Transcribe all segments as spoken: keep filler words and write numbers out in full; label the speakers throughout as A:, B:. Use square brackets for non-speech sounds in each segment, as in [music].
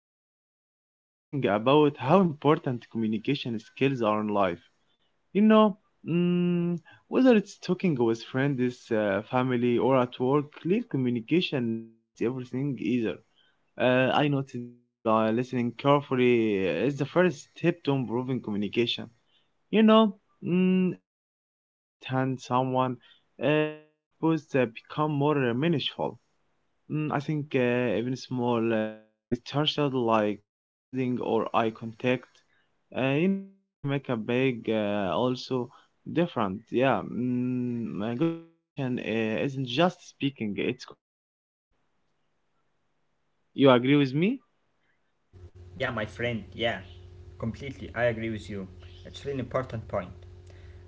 A: Uh, Ahmed, I have been thinking about how important communication skills are in life. You know, mm, whether it's talking with friends, uh, family, or at work, clear communication uh, makes everything easier. Uh, I noticed that uh, listening carefully uh, is the first step to improving communication. You know, mm, when you truly understand someone, uh, your purpose uh, become more uh, meaningful. Mm, I think uh, even small uh, gestures like uh, nodding or eye contact, uh, you know, I think make a big uh, also different. Yeah. Mm, uh, good communication uh, isn't just speaking; it's connecting. You agree with me?
B: Yeah, my friend, yeah. Completely, I agree with you. It's really important point.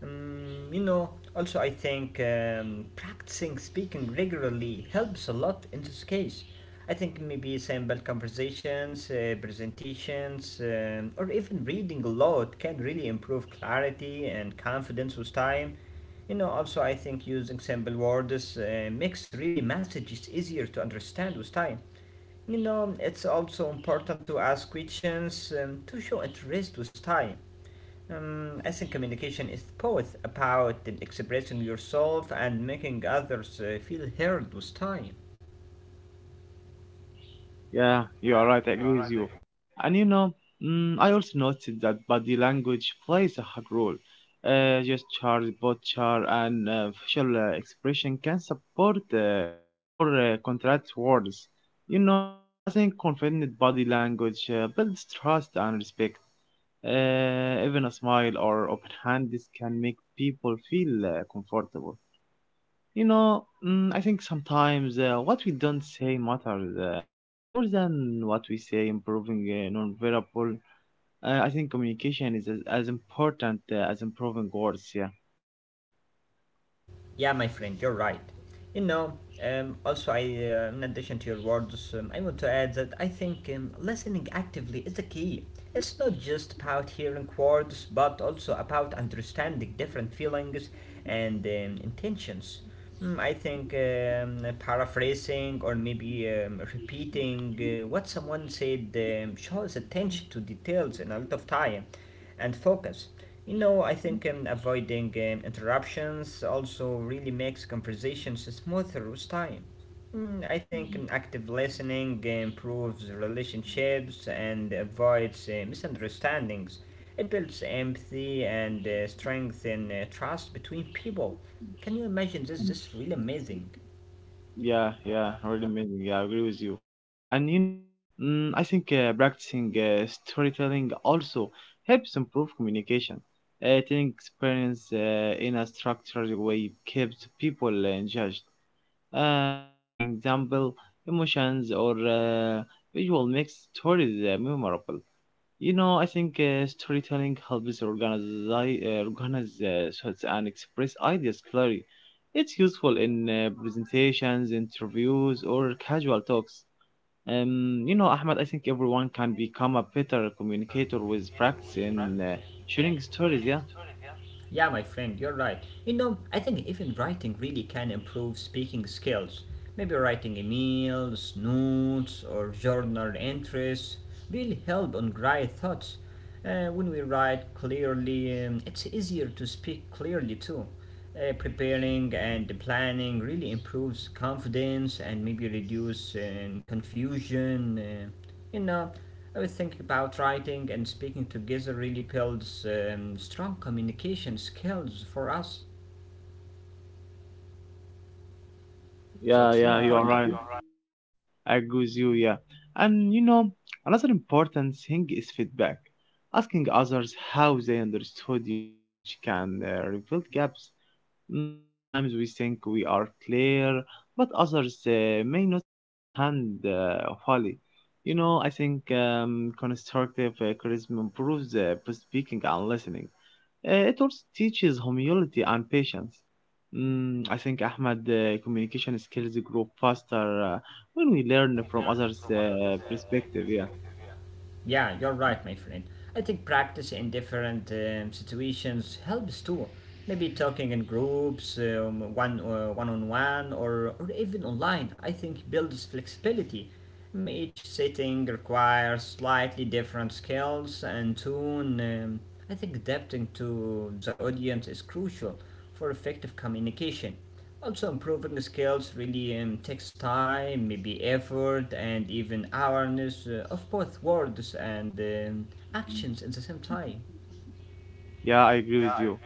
B: Um, you know, also I think um, practicing speaking regularly helps a lot in this case. I think maybe simple conversations, uh, presentations, um, or even reading a lot can really improve clarity and confidence with time. You know, also I think using simple words uh, makes really messages easier to understand with time. You know, it's also important to ask questions and to show interest with time. Um, I think communication is both about expressing yourself and making others uh, feel heard with time.
A: Yeah, you are right. I agree with you. And you know, mm, I also noticed that body language plays a hard role. Uh, gestures, posture, and uh, facial uh, expression can support uh, or uh, contract words. You know, I think confident body language uh, builds trust and respect. Uh, even a smile or open hand, this can make people feel uh, comfortable. You know, mm, I think sometimes uh, what we don't say matters uh, more than what we say. Improving uh, non-verbal, uh, I think communication is as, as important uh, as improving words. Yeah,
B: Yeah, my friend, you're right. You know, um, also, I, uh, in addition to your words, um, I want to add that I think um, listening actively is a key. It's not just about hearing words, but also about understanding different feelings and um, intentions. Mm, I think um, paraphrasing or maybe um, repeating uh, what someone said um, shows attention to details and a lot of time and focus. You know, I think um, avoiding um, interruptions also really makes conversations smoother with time. Mm, I think um, active listening improves relationships and avoids uh, misunderstandings. It builds empathy and uh, strengthens uh, trust between people. Can you imagine
A: yeah,
B: this? This is really amazing.
A: yeah, yeah. Really amazing. Yeah, I agree with you. And you know, mm, I think uh, practicing uh, storytelling also helps improve communication. Uh, telling experience uh, in a structured way keeps people uh, engaged uh, using example, emotions, or uh, visual makes stories uh, memorable. You know, I think uh, storytelling helps organize, uh, organize uh, thoughts and express ideas clearly. It's useful in uh, presentations, interviews, or casual talks. Um, you know, Ahmed, I think everyone can become a better communicator with practice in uh, sharing stories. Yeah.
B: Yeah, my friend, you're right. You know, I think even writing really can improve speaking skills. Maybe writing emails, notes, or journal entries really help on dry thoughts. Uh, when we write clearly, um, it's easier to speak clearly too. Uh, preparing and planning really improves confidence and maybe reduce um, confusion. Uh, you know, I was thinking about writing and speaking together really builds um, strong communication skills for us. So
A: Yeah,
B: it's
A: yeah,
B: really
A: you are
B: important.
A: right. I agree with you, yeah. And you know, another important thing is feedback. Asking others how they understood your message can uh, reveal gaps. Mm, sometimes we think we are clear, but others uh, may not understand uh, fully. You know, I think um, constructive uh, criticism improves uh, speaking and listening. Uh, it also teaches humility and patience. Mm, I think Ahmed uh, communication skills grow faster uh, when we learn from others' uh, perspective. Yeah.
B: Yeah, you're right, my friend. I think practice in different um, situations helps too. Maybe talking in groups, um, one uh, one on one, or or even online. I think builds flexibility. Mm, Each setting requires slightly different skills and tune. Um, I think adapting to the audience is crucial for effective communication. Also, improving skills really um, takes time, maybe effort, and even awareness uh, of both words and um, actions at the same time.
A: Yeah, I agree with you.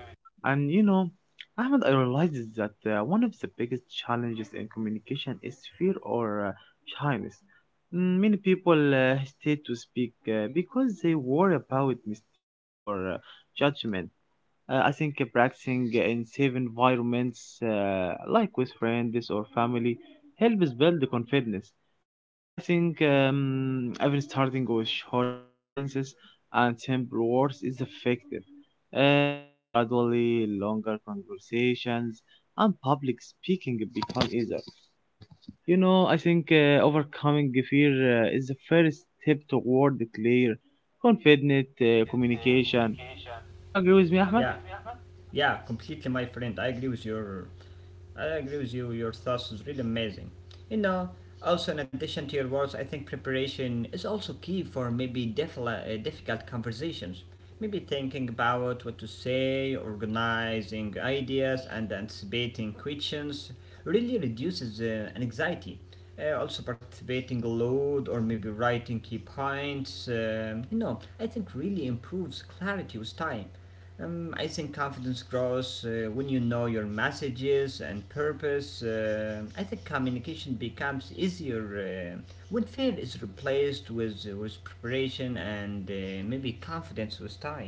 A: And you know, Ahmed, I realized that uh, one of the biggest challenges in communication is fear or uh, shyness. Mm, Many people uh, hesitate to speak uh, because they worry about mistakes or uh, judgment. Uh, I think uh, practicing in safe environments, uh, like with friends or family, helps build the confidence. You know, I think um, even starting with short sentences and simple words is effective. Um, gradually, longer conversations and public speaking become easier. You know, I think uh, overcoming the fear uh, is the first step toward the clear, confident uh, communication. Yeah, you agree with me,
B: Yeah.
A: Ahmed?
B: Yeah, completely, my friend. I agree with your, I agree with you. Your thoughts is really amazing. You know, also in addition to your words, I think preparation is also key for maybe diffla- uh, difficult conversations. Maybe thinking about what to say, organizing ideas, and anticipating questions really reduces uh, anxiety. Uh, also participating aloud or maybe writing key points. um you know, I think really improves clarity with time. Um, I think confidence grows uh, when you know your messages and purpose. Uh, I think communication becomes easier uh, when fear is replaced with, uh, with preparation and uh, maybe confidence with time.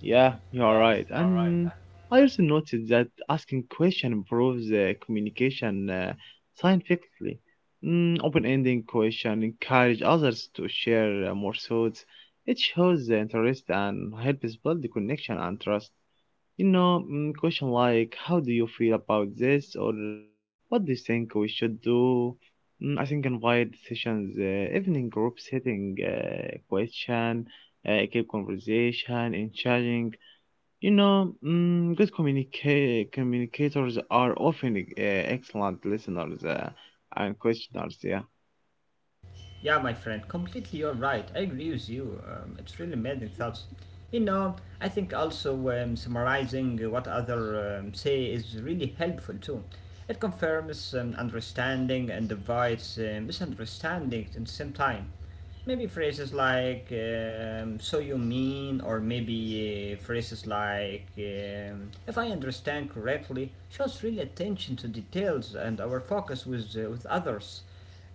A: Yeah, you're right. And I also noticed that asking question improves uh, communication uh, scientifically. Mm, open-ending question encourage others to share uh, more thoughts. It shows the interest and helps build the connection and trust. You know, mm, question like how do you feel about this or uh, what do you think we should do? Mm, I think invite sessions, uh, evening group setting, uh, question, uh, keep conversation, encouraging. you know, mm, good communica- communicators are often uh, excellent listeners uh, and questioners. Yeah.
B: Yeah, my friend, completely you're right. I agree with you. Um, it's really amazing thoughts. You know, I think also um, summarizing what other um, say is really helpful too. It confirms um, understanding and avoids uh, misunderstandings at the same time. Maybe phrases like um, "so you mean," or maybe uh, phrases like um, "if I understand correctly," shows really attention to details and our focus with uh, with others.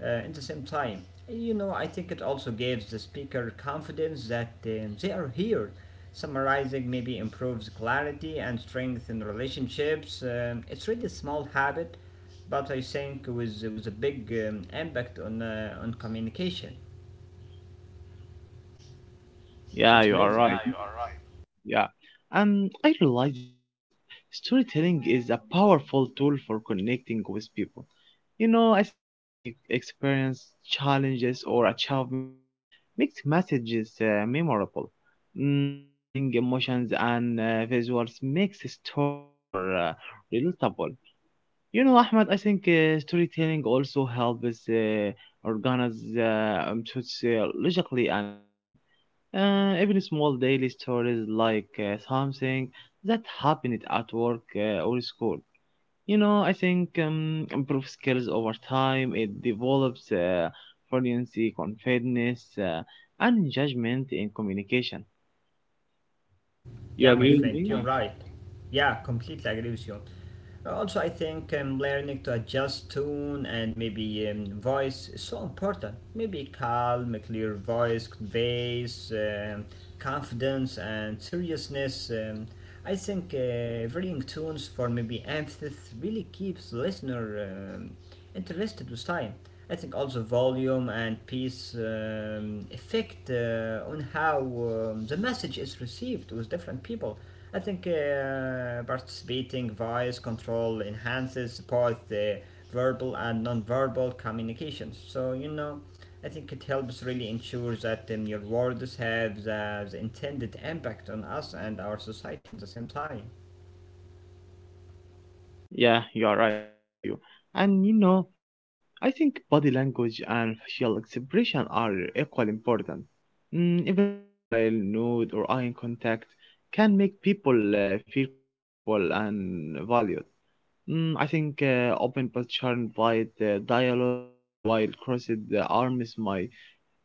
B: Uh, at the same time, you know, I think it also gives the speaker confidence that um, they are here. Summarizing maybe improves clarity and strength in relationships. Um, it's really a small habit, but I think with with a big um, impact on uh, on communication. So it's
A: Yeah, you are
B: amazing.
A: right. Yeah. Um, I realized that s- storytelling is a powerful tool for connecting with people. You know, I think sharing ex- experience, challenges, or achievements makes messages uh, memorable. Mm, adding emotions and uh, visuals makes stories more uh, relatable. You know, Ahmed, I think uh, storytelling also helps uh, organize uh, um, thoughts, uh, logically and clearly, uh, even small daily stories like uh, something that happened at work uh, or school. You know, I think um, improve skills over time. It develops uh, fluency, confidence, uh, and judgment in communication. You
B: Yeah, my
A: agree with
B: friend, you're
A: me?
B: right. Yeah, completely agree with you. Also, I think um, learning to adjust tone and maybe um, voice is so important. Maybe calm, a clear voice conveys um, confidence and seriousness. Um, I think uh, varying tones for maybe emphasis really keeps listener. Um, interested with time. I think also volume and piece um, effect uh, on how um, the message is received with different people. I think uh, participating voice control enhances both the verbal and non-verbal communications. So you know, I think it helps really ensure that um, your words have the, the intended impact on us and our society at the same time.
A: Yeah, you are right. I agree with you. And you know, I think body language and facial expression are equally important. Mm, even a smile, nod, or eye contact can make people uh, feel comfortable and valued. Mm, I think uh, open posture and polite uh, dialogue, uh, while crossed uh, arms might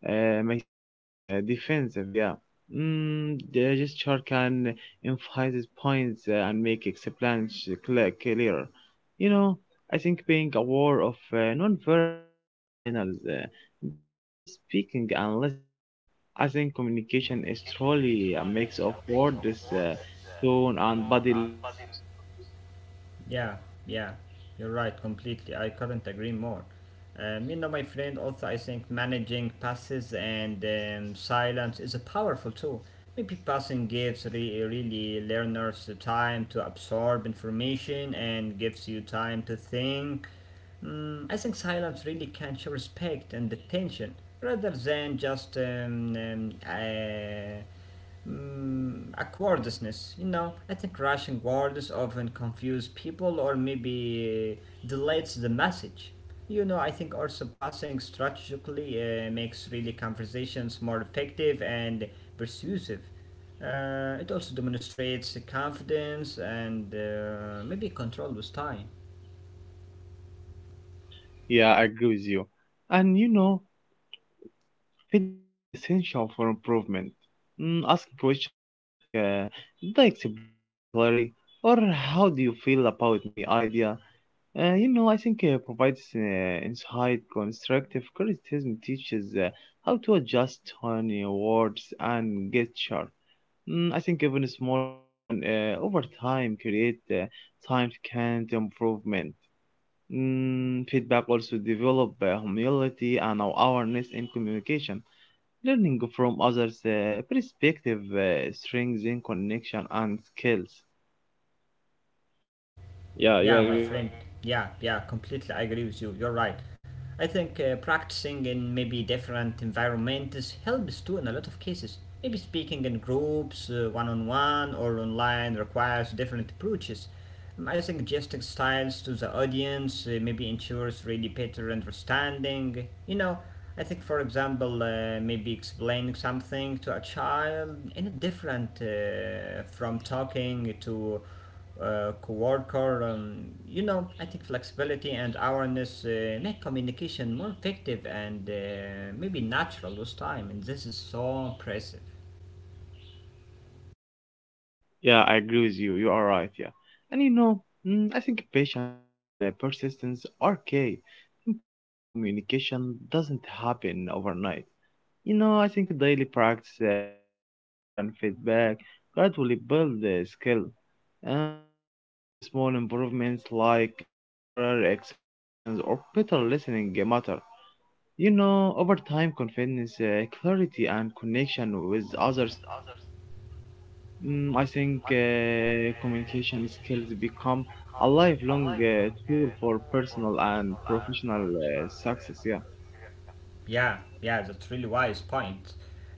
A: uh, may seem uh, defensive. Yeah. Mm, the gesture can emphasize points uh, and make explanations cl- clearer. You know, I think being aware of uh, non-verbal uh, signals uh, improves both speaking and listening. I think communication is truly a mix of words, uh, tone, and body language.
B: Yeah, yeah, you're right, completely. I couldn't agree more. Um, you know, my friend, also, I think managing passes and um, silence is a powerful tool. Maybe passing gives re- really learners the time to absorb information and gives you time to think. Mm, I think silence really can show respect and attention rather than just um, um, uh, mm, awkwardness. You know, I think rushing words often confuse people or maybe delays the message. You know, I think also passing strategically uh, makes really conversations more effective and persuasive. Uh, it also demonstrates confidence and uh, maybe control with time.
A: Yeah, I agree with you. And you know, feedback is essential for improvement. Mm, ask questions like, uh, did I explain this clearly? Or how do you feel about my idea? Uh, you know, I think uh, provides uh, insight, constructive criticism teaches uh, how to adjust on your words and gesture. Mm, I think even a small correction uh, over time create uh, significant improvement. Mm, feedback also develop uh, humility and awareness in communication. Learning from others' uh, perspective uh, strengthens connection and skills. Yeah, you
B: Yeah, my
A: agree with. Mhm.
B: friend. Yeah, yeah, completely I agree with you. You're right. I think uh, practicing in maybe different environments helps too in a lot of cases. Maybe speaking in groups, uh, one on one, or online requires different approaches. Um, I think gesting styles to the audience uh, maybe ensures really better understanding. You know, I think, for example, uh, maybe explaining something to a child in a different uh, from talking to uh, co-worker. Um, you know, I think flexibility and awareness uh, make communication more effective and uh, maybe natural with time, and this is so impressive.
A: Yeah, I agree with you. You are right. Yeah, and you know, mm, I think patience and uh, persistence are key. Improving communication doesn't happen overnight. You know, I think daily practice, uh, reflection, and feedback gradually build the skill. Um, even small improvements like uh, clearer explanations or better listening matter. You know, over time, confidence, uh, clarity, and connection with others grow. Mm, I think uh, communication skills become a lifelong uh, tool for personal and professional uh, success. Yeah,
B: Yeah, yeah, that's really wise point.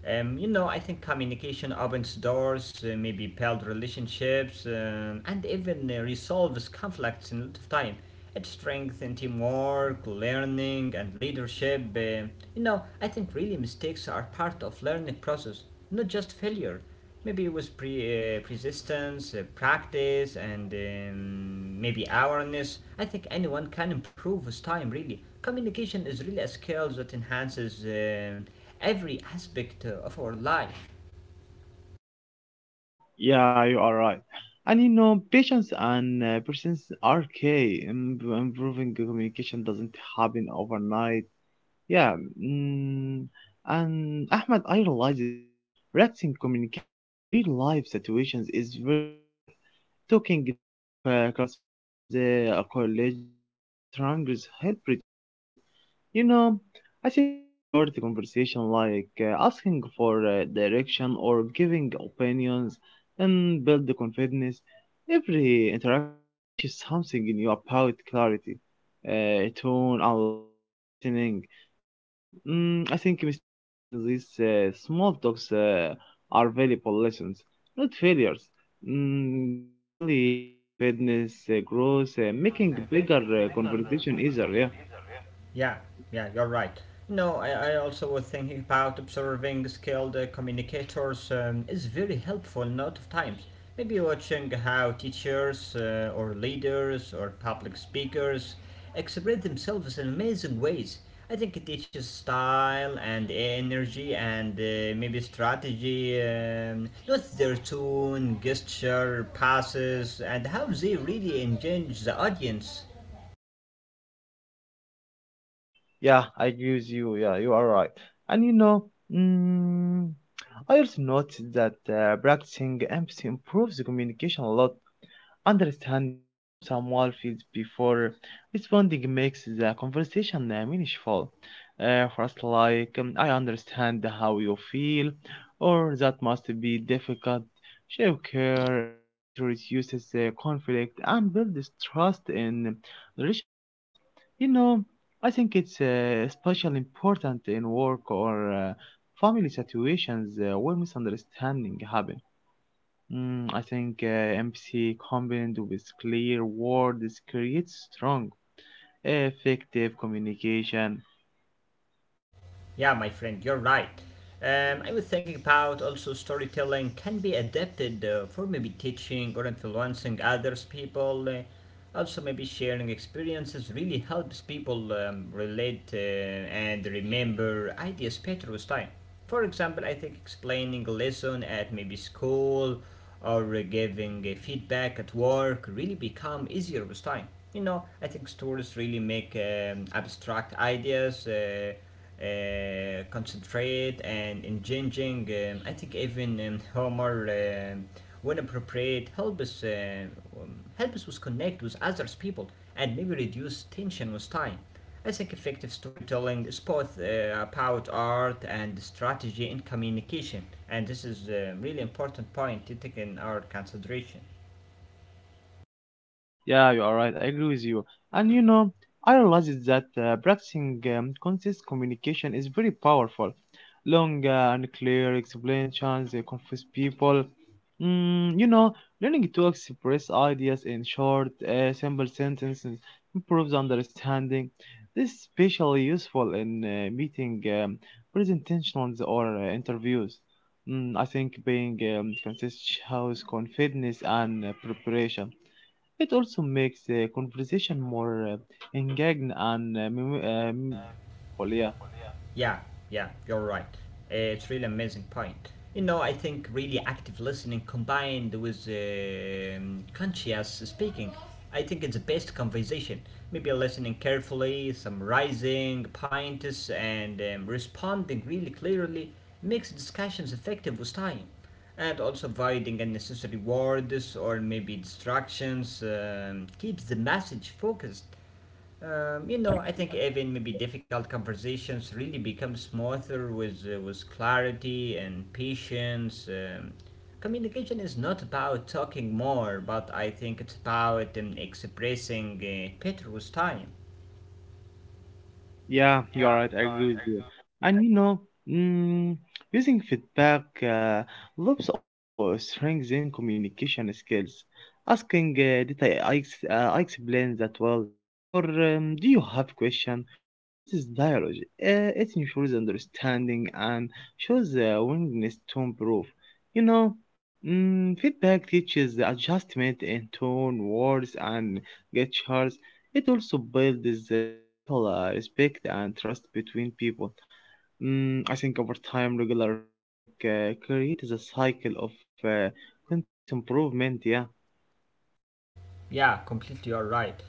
B: Um, you know, I think communication opens doors, uh, maybe build relationships, um, and even uh, resolves conflicts in a lot of time. It strengthens teamwork, learning, and leadership. Uh, you know, I think really mistakes are part of learning process, not just failure. Maybe it was pre, uh, persistence, uh, practice, and um, maybe awareness. I think anyone can improve with time, really. Communication is really a skill that enhances um every aspect uh, of our life.
A: yeah, you are right. And you know, patience and uh, persistence are key. Im- Improving communication doesn't happen overnight. Yeah. mm, and Ahmed, I realized that practicing communication in real life situations is very effective. Talking to c- classmates, uh, colleagues, or strangers help reduce fear. You know, I think even short conversation like uh, asking for uh, direction or giving opinions and build the confidence. Every interaction teaches something new about clarity, uh, tone, and, lis- and listening. You know, mm, I think mistakes in these uh, small talks uh, are valuable lessons, not failures. Mm, gradually, confidence uh, grows, uh, making bigger uh, conversation easier. Yeah.
B: Yeah, yeah, you're right. You know, I, I also was thinking about observing skilled uh, communicators um, is very helpful a lot of times. Maybe watching how teachers uh, or leaders or public speakers express themselves in amazing ways. I think it teaches style and energy and uh, maybe strategy, um, not their tone, gesture, passes, and how they really engage the audience.
A: Yeah, I agree with you. Yeah, you are right. And you know, mm, I also noticed that uh, practicing empathy improves the communication a lot. Understanding how someone feels before responding makes the conversation uh, meaningful. Uh, first, like, um, I understand how you feel, or that must be difficult. Show care, uh, empathy reduces uh, conflict, and builds trust in relationships. You know, I think it's uh, especially important in work or uh, family situations uh, where misunderstanding happen. Mm, I think uh, empathy combined with clear words creates strong, effective communication.
B: Yeah, my friend, you're right. Um, I was thinking about also storytelling can be adapted uh, for maybe teaching or influencing others people. Uh, also, maybe sharing experiences really helps people um, relate uh, and remember ideas better with time. For example, I think explaining a lesson at maybe school or uh, giving uh, feedback at work really become easier with time. You know, I think stories really make um, abstract ideas. Uh, uh, concentrate and engaging. Um, I think even um, humor, um when appropriate, help us uh, um, help us with connect with others people and maybe reduce tension with time. I think effective storytelling is both uh, about art and strategy in communication, and this is a really important point to take in our consideration.
A: Yeah, you are right. I agree with you. And you know, I realized that uh, practicing um, consistent communication is very powerful. Long uh, and clear explanations uh, confuse people. Mm, you know, learning to express ideas in short, uh, simple sentences improves understanding. This is especially useful in uh, meeting, um, presentations or uh, interviews. Mm, I think being um, consistent shows confidence and uh, preparation. It also makes the conversation more uh, engaging and uh, mem- uh, memorable. Yeah.
B: Yeah, yeah, you're right. Uh, It's really amazing point. You know, I think really active listening combined with um, conscious speaking, I think it's the best conversation. Maybe listening carefully, summarizing points, and um, responding really clearly makes discussions effective with time. And also avoiding unnecessary words or maybe distractions um, keeps the message focused. Um, you know, I think even maybe difficult conversations really become smoother with uh, with clarity and patience. Um, communication is not about talking more, but I think it's about um, expressing uh, better with time.
A: Yeah, you're right. I agree with you. And you know, mm, using feedback uh, loops also strengthen communication skills. Asking, uh, did I, I, ex- uh, I explain that well? Or um, do you have question? Creates dialogue. Uh, it ensures understanding and shows uh, willingness to improve. You know, mm, feedback teaches adjustment in tone, words, and gestures. It also builds uh, mutual uh, respect and trust between people. Mm, I think over time, regular feedback uh, creates a cycle of uh, continuous improvement. Yeah.
B: Yeah, completely you're right.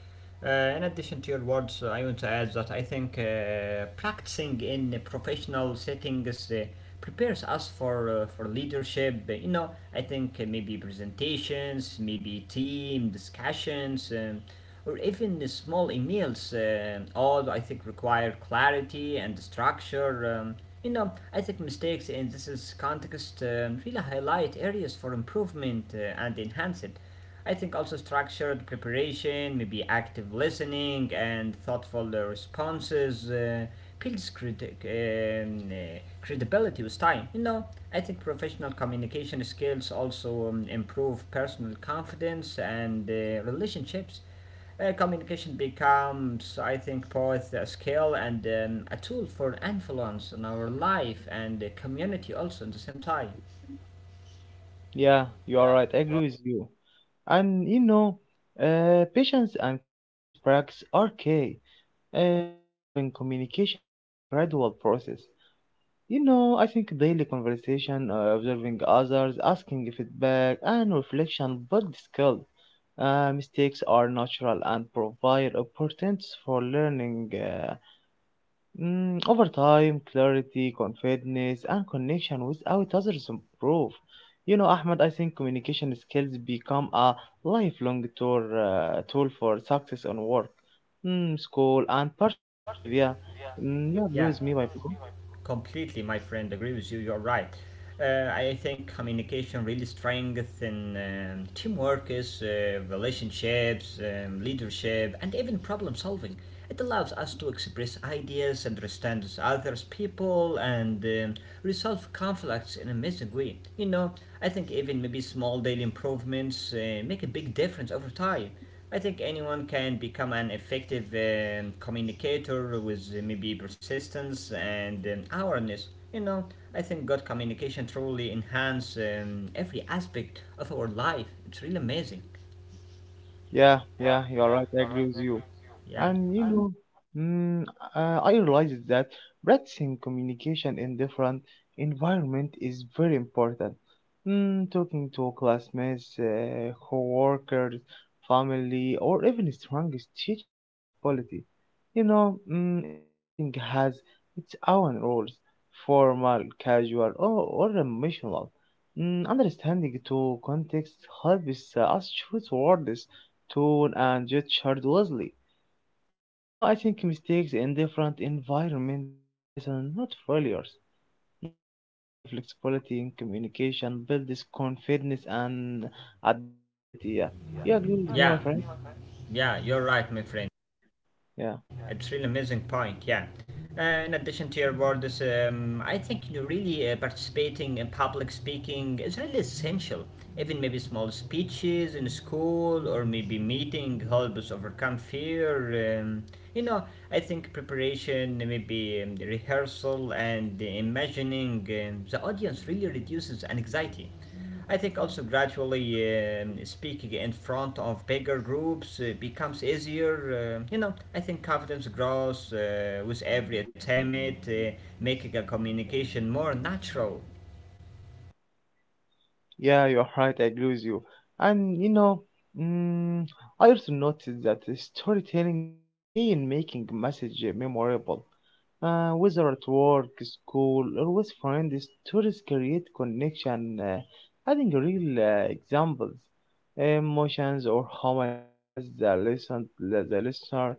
B: Uh, in addition to your words, uh, I want to add that I think uh, practicing in a professional settings uh, prepares us for uh, for leadership. Uh, You know, I think uh, maybe presentations, maybe team discussions, um, or even the small emails. Uh, all I think require clarity and structure. Um, you know, I think mistakes in this is context um, really highlight areas for improvement uh, and enhance it. I think also structured preparation, maybe active listening, and thoughtful uh, responses uh, builds criti- um, uh, credibility with time. You know, I think professional communication skills also um, improve personal confidence and uh, relationships. Uh, communication becomes, I think, both a skill and um, a tool for influence in our life and the community also at the same time.
A: Yeah, you are right. I agree with you. And you know, uh, patience and continuous practice are key. Uh, Improving communication is a gradual process. You know, I think daily conversation, uh, observing others, asking feedback, and reflection build skill. Uh, mistakes are natural and provide opportunities for learning. Uh, mm, over time, clarity, confidence, and connection without others improve. You know, Ahmed, I think communication skills become a lifelong tool, uh, tool for success on work, mm, school, and personal life. Yeah. Mm, you agree
B: Yeah.
A: with me, my bro?
B: Completely, my friend. Agree with you. You're right. Uh, I think communication really strengthens um, teamwork, is uh, relationships, um, leadership, and even problem solving. It allows us to express ideas, understand others, people, and um, resolve conflicts in an amazing way. You know, I think even maybe small daily improvements uh, make a big difference over time. I think anyone can become an effective um, communicator with uh, maybe persistence and um, awareness. You know, I think good communication truly enhances um, every aspect of our life. It's really amazing.
A: Yeah, yeah, you're right. I agree with you.
B: Yeah,
A: And you know, mm, uh, I realized that practicing communication in different environment is very important. Mm, talking to classmates, uh, co-workers, family, or even strangers teaches flexibility. You know, mm, each setting has its own rules, formal, casual, or, or emotional. Mm, understanding to context helps uh, us choose words, tone, and gesture wisely. You know, I think mistakes in different environments are lessons, not failures. Mm, I think flexibility in communication builds confidence and adaptability. Yeah, you agree with me, my
B: yeah,
A: friend?
B: yeah. You're right, my friend.
A: Yeah,
B: It's really amazing point, yeah. Uh, in addition to your words, um, I think you really uh, participating in public speaking is really essential. Even maybe small speeches in school or maybe meeting help us overcome fear. Um, you know, I think preparation, maybe um, the rehearsal and the imagining um, the audience really reduces anxiety. I think also gradually um, speaking in front of bigger groups uh, becomes easier. Uh, you know, I think confidence grows uh, with every attempt, uh, making a communication more natural.
A: yeah, you're right. I agree with you. And you know, mm, I also noticed that the storytelling is key in making message memorable. Uh, whether at work, school, or with friends, stories create connection, uh, adding real uh, examples, emotions, or homage has the listen the, the listener.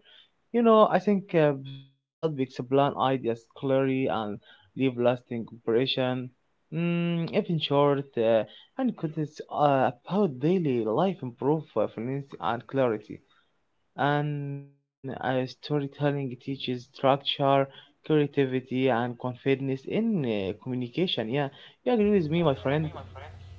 A: You know, I think uh, stories help explain ideas clearly and leave lasting impression. Mm, even short uh, and contents uh, about daily life improve uh, finance and clarity and uh, storytelling teaches structure, creativity, and confidence in uh, communication. Yeah, you agree with me, my friend?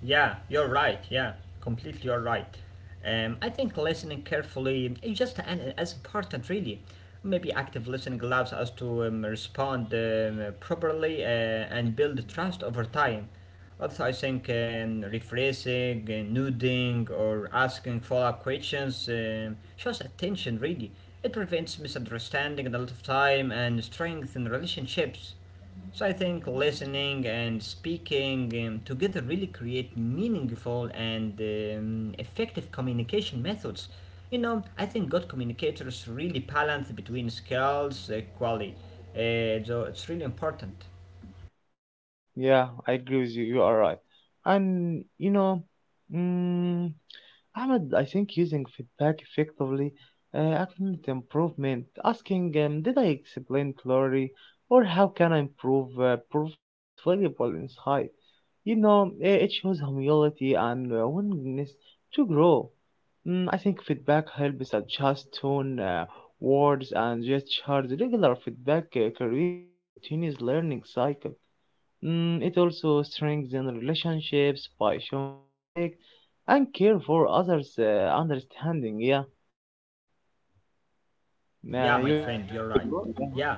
B: Yeah, you're right. Yeah, completely you're right. Um, I think listening carefully is just an, as important, really. Maybe active listening allows us to um, respond um, properly uh, and build trust over time. Also, I think um, rephrasing, uh, nodding, or asking follow up questions um, shows attention, really. It prevents misunderstanding a lot of time and strengthens relationships. So I think listening and speaking um, together really create meaningful and um, effective communication methods. You know, I think good communicators really balance between skills, uh, quality. Uh, so it's really important.
A: Yeah, I agree with you. You are right. And you know, mm Ahmed, I think using feedback effectively, uh, acknowledging improvement, asking, um, did I explain clearly or how can I improve, uh, provide this valuable insight. You know, i- it shows humility and uh, willingness to grow. Mm, I think feedback helps adjust tone, uh, words, and gestures. Regular feedback uh, creates a continuous learning cycle. Mm, it also strengthens relationships by showing respect and care for others' uh, understanding. Yeah,
B: Yeah,
A: uh,
B: my
A: you agree
B: friend,
A: with
B: you're
A: me,
B: right.
A: bro? Yeah,
B: Yeah,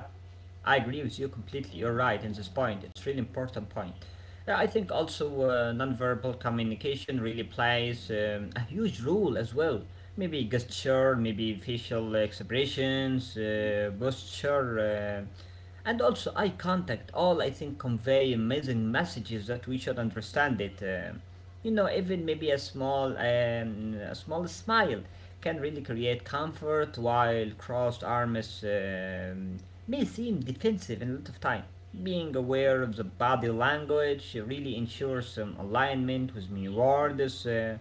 B: I agree with you completely. You're right in this point. It's really important point. Yeah, I think also uh, nonverbal communication really plays um, a huge role as well. Maybe gesture, maybe facial expressions, uh, posture, uh, and also eye contact. All I think convey amazing messages that we should understand it. Uh, you know, even maybe a small, um, a small smile can really create comfort, while crossed arms um, may seem defensive in a lot of time. Being aware of the body language really ensures um, alignment with new words. Uh,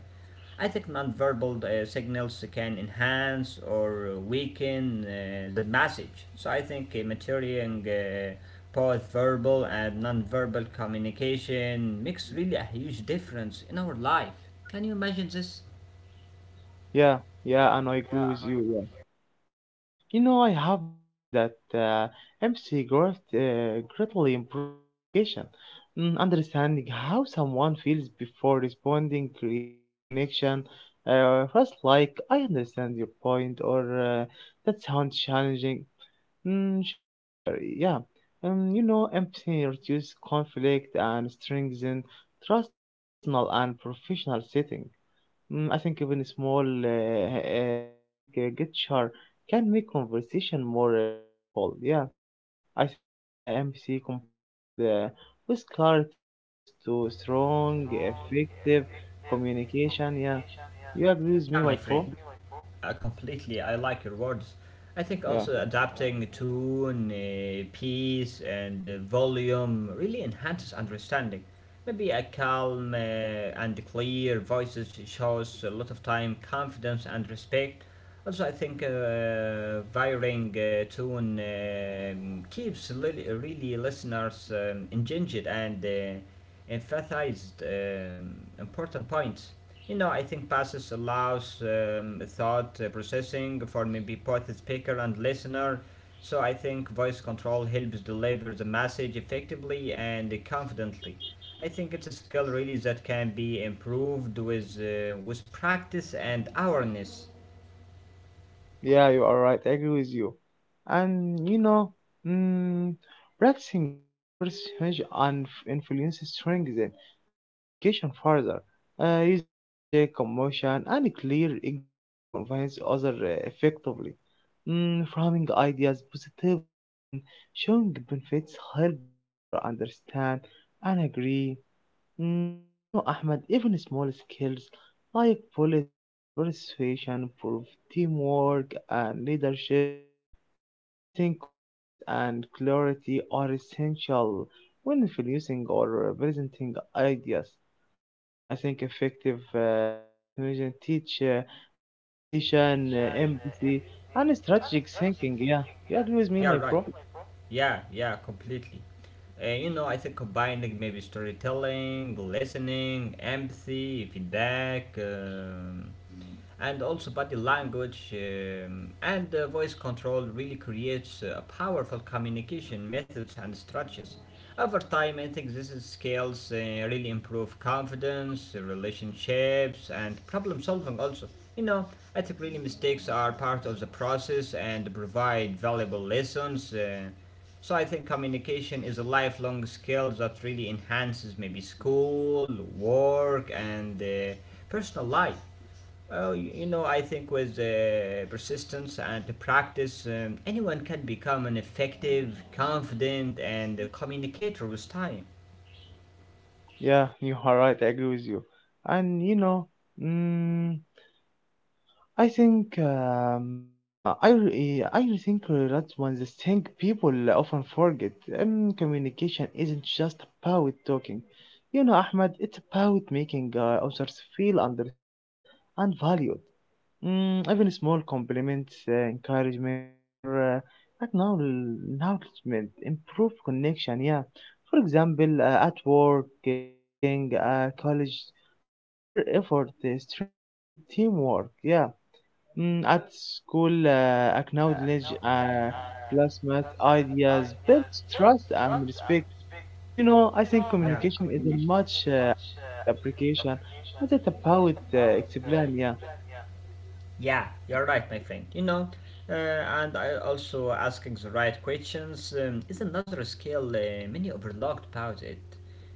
B: I think nonverbal uh, signals can enhance or weaken uh, the message. So I think uh, maturing uh, both verbal and nonverbal communication makes really a huge difference in our life. Can you imagine this?
A: yeah, yeah, and I agree with you. Yeah, you know, I have noticed that uh, empathy growth, uh, greatly improves communication. Mm, understanding how someone feels before responding creates connection. Uh, first, like I understand your point, or uh, that sounds challenging. Mm, show care, yeah. Um, you know, empathy reduces conflict and strengthens trust in personal and professional setting. Mm, I think even small uh, uh, empathy uh, gesture can make conversation more uh, meaningful. Yeah, I think uh, empathy combined uh, with clarity leads to strong, effective communication. Yeah, you agree with
B: Yeah,
A: me,
B: my
A: my
B: friend.
A: pro?
B: Uh, completely, I like your words. I think
A: Yeah.
B: also adapting tone, uh, pace, and uh, volume really enhances understanding. Maybe a calm uh, and clear voices shows a lot of time confidence and respect. Also, I think uh, varying uh, tone um keeps li- really listeners um, engaged and uh, emphasized um, important points. You know, I think passes allows um, thought uh, processing for maybe both the speaker and listener. So I think voice control helps deliver the message effectively and confidently. I think it's a skill really that can be improved with uh, with practice and awareness.
A: Yeah, you are right. I agree with you. And you know, mm, practicing uh, persuasion and f- influence strengthens communication further. Uh, using logic, emotion, and clear example convince others uh, effectively. Mm, framing ideas positively and showing benefits helps others understand and agree. Mm, you know, Ahmed, even small skills like bullet uh, persuasion, proof, teamwork, and leadership, mm, I think confidence and clarity are essential when introducing or presenting ideas. Mm, I think effective uh, persuasion teach uh, preparation, uh, empathy, and strategic thinking. Yeah, you agree with me, my
B: Yeah, right.
A: bro?
B: Yeah, yeah, completely. Uh, you know, I think combining maybe storytelling, listening, empathy, feedback, um, and also body language um, and uh, voice control really creates uh, a powerful communication methods and strategies. Over time, I think these skills uh, really improve confidence, uh, relationships, and problem solving also. You know, I think really mistakes are part of the process and provide valuable lessons. Uh, so I think communication is a lifelong skill that really enhances maybe school, work, and uh, personal life. Oh, you know, I think with uh, persistence and practice, um, anyone can become an effective, confident, and a communicator with time.
A: Yeah, you are right. I agree with you. And you know, mm I think um, uh, I re- I think that's one of the thing people often forget. And communication isn't just about talking. You know, Ahmed, it's about making uh, others feel understood and valued. Mm, even small compliments, uh, encouragement, or uh, acknowl- acknowledgement improve connection. Yeah, for example, uh, at work, uh, thanking uh, college for their effort uh, strengthen teamwork. Yeah. Mm, at school, uh, acknowledge uh, classmates' ideas, build trust and respect. You know, I think communication isn't much uh, about application, but it's about uh, explain. Yeah,
B: Yeah, you're right, my friend. You know, uh, and I also asking the right questions um, is another skill uh, many overlooked about it.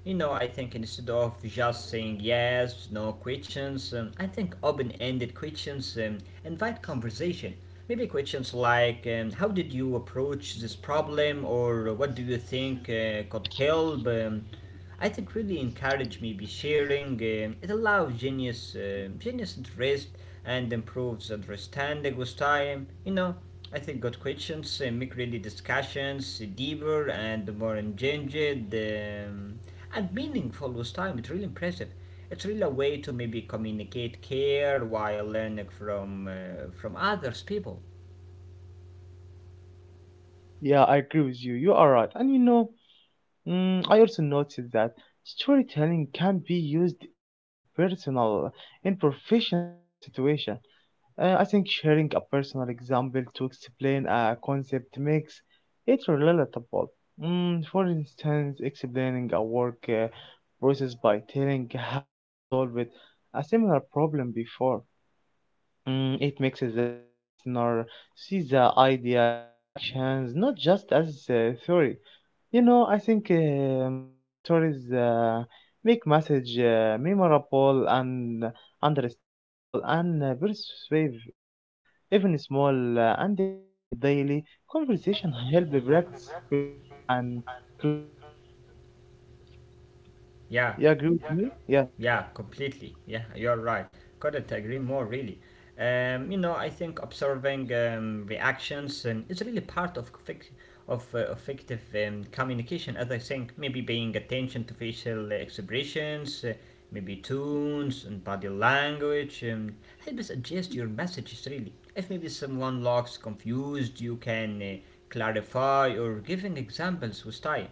B: You know, I think instead of just saying yes, no questions, um, I think open-ended questions um, invite conversation. Maybe questions like, um, how did you approach this problem, or what do you think uh, could help? Um, I think really encourage maybe sharing. Um, it allows genius, um genius interest and improves understanding with time. You know, I think good questions uh, make really discussions deeper and more engaged um, and meaningful with time. It's really impressive. It's really a way to maybe communicate care while learning from uh, from others people.
A: yeah, I agree with you. You are right. And you know, mm, I also noticed that storytelling can be used even in personal, in professional uh, situation. Uh, I think sharing a personal example to explain a concept makes it relatable. Mm, for instance, explaining a work uh, process by telling how you solved a similar problem before. Mm, it makes the listener see the idea in actions, not just as a theory. You know, I think um, stories uh, make message uh, memorable and understandable and uh, persuasive. Yeah, even small uh, antics in daily conversation help practice fluency and clarity.
B: Yeah.
A: You agree with me? Yeah,
B: Yeah, completely. Yeah, you're right. Couldn't agree more, really. Um, you know, I think observing um, reactions um, is really part of fic- of uh, effective um, communication. As I think, maybe paying attention to facial expressions, uh, maybe tones and body language, um, helps adjust your messages. Really, if maybe someone looks confused, you can uh, clarify or giving examples with style.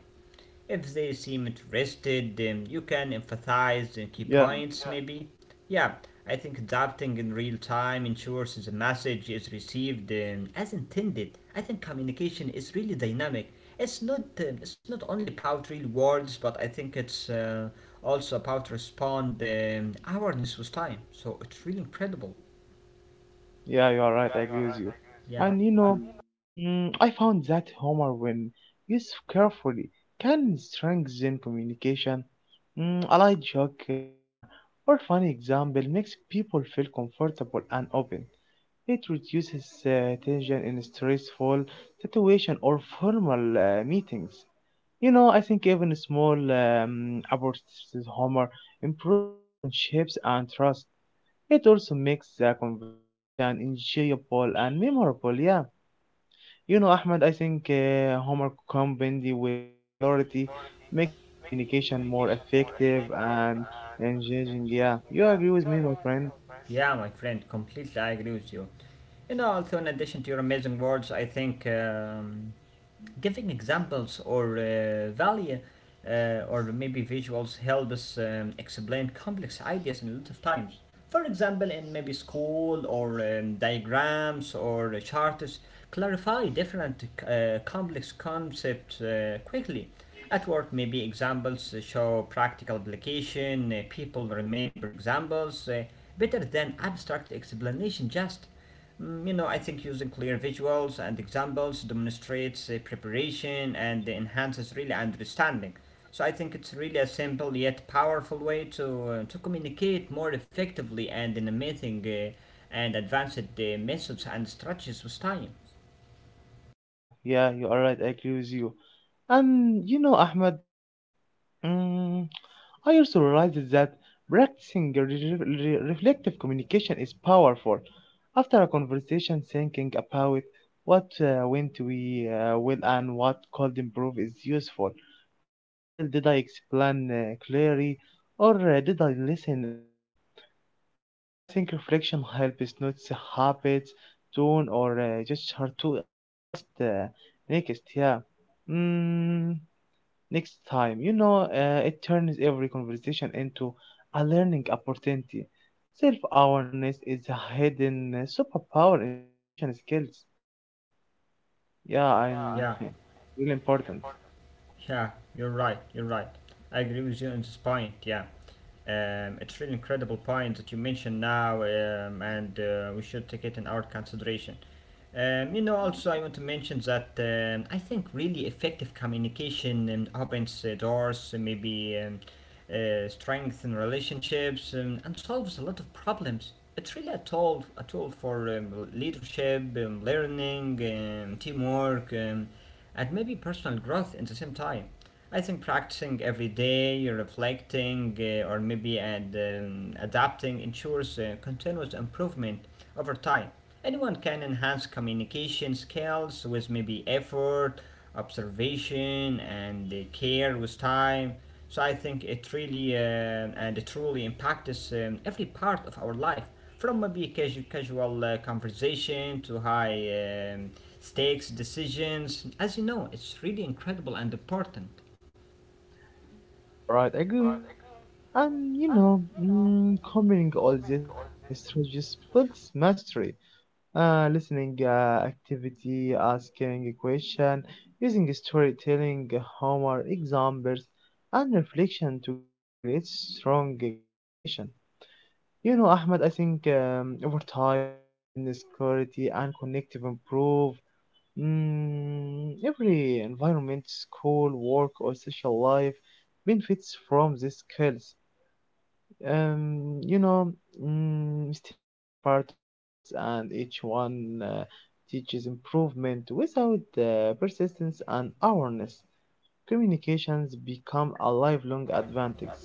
B: If they seem interested, um, you can emphasize the key
A: yeah.
B: points, maybe. Yeah, I think adapting in real time ensures the message is received um, as intended. I think communication is really dynamic. It's not um, it's not only about real words, but I think it's uh, also about respond um, awareness with time. So it's really incredible.
A: Yeah, you are right, I agree with you.
B: Yeah,
A: And you know, mm, I found that humor, when used carefully, can strengthen communication. Mm, a light joke uh, or funny example makes people feel comfortable and open. It reduces uh, tension in stressful situation or formal uh, meetings. You know, I think even small um, approaches to humor improve the relationships and trust. It also makes the conversation enjoyable and memorable, yeah. You know, Ahmed, I think uh, Homer combining with uh, clarity makes the communication more effective and engaging, yeah. You agree with me, my friend?
B: yeah, my friend, completely I agree with you. You know, also in addition to your amazing words, I think um, giving examples or uh, value uh, or maybe visuals help us um, explain complex ideas in a lot of times. For example, in maybe school or um, diagrams or uh, charts, clarify different uh, complex concepts uh, quickly. At work, maybe examples show practical application, uh, people remember examples uh, better than abstract explanation just. Mm, you know, I think using clear visuals and examples demonstrates uh, preparation and enhances really understanding. So I think it's really a simple yet powerful way to uh, to communicate more effectively and in a meeting uh, and advanced uh, methods and strategies with time.
A: Yeah, yeah, you are right, I agree with you. And you know, Ahmed, Mm, I also realized that practicing re- re- reflective communication is powerful. After a conversation, thinking about what uh, went we uh, well and what could improve is useful. For example, did I explain uh, clearly or uh, did I listen enough? You know, I think reflection helps notice habits, tone, or uh, gesture to adjust uh, next. Yeah. Mm, Next time. You know, uh, it turns every conversation into a learning opportunity. Self awareness is a hidden uh, superpower in communication skills. Yeah, I'm
B: Yeah.
A: [laughs] really important.
B: Yeah, you're right. You're right. I agree with you on this point. Yeah, um, it's really incredible point that you mentioned now, um, and uh, we should take it in our consideration. Um, you know, also I want to mention that um, I think really effective communication and opens uh, doors, uh, maybe um, uh, strengthen relationships, um, and solves a lot of problems. It's really a tool, a tool for um, leadership, um, learning, um, teamwork, um, and maybe personal growth at the same time. I think practicing every day, reflecting, uh, or maybe ad, um, adapting ensures uh, continuous improvement over time. Anyone can enhance communication skills with maybe effort, observation, and uh, care with time. So I think it really uh, and it truly impacts um, every part of our life, from maybe casu- casual uh, conversation to high um, stakes decisions. As you know, it's really incredible and important.
A: Yeah, you are right. I agree with you. And you know, mm, combining all this uh, strategies builds mastery. Uh, listening uh, activity, asking a question, using storytelling, humor, examples, and reflection together creates strong uh, communication. You know, Ahmed, I think um, over time, confidence, clarity, and connective improve. Mm, every environment, school, work, or social life benefits from these skills. Um, you know, mm, mistakes are part of growth, and each one uh, teaches improvement. Without uh, persistence and awareness, communications become a lifelong advantage.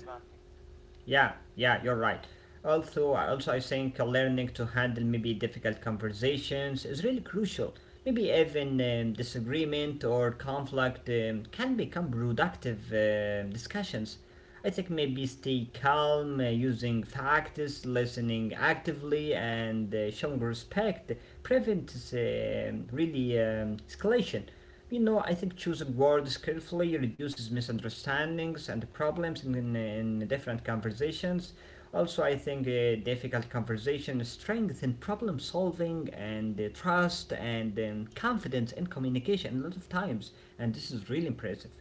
B: Yeah, yeah, you're right. Also, I- also I think uh, learning to handle maybe difficult conversations is really crucial. Maybe even um, disagreement or conflict um, can become productive um discussions. I think maybe stay calm, uh, using facts, listening actively, and uh, showing respect prevents um, really um, escalation. You know, I think choosing words carefully reduces misunderstandings and problems in, in, in different conversations. Also, I think uh, difficult conversations strengthen problem solving and uh, trust and um, confidence in communication a lot of times, and this is really impressive.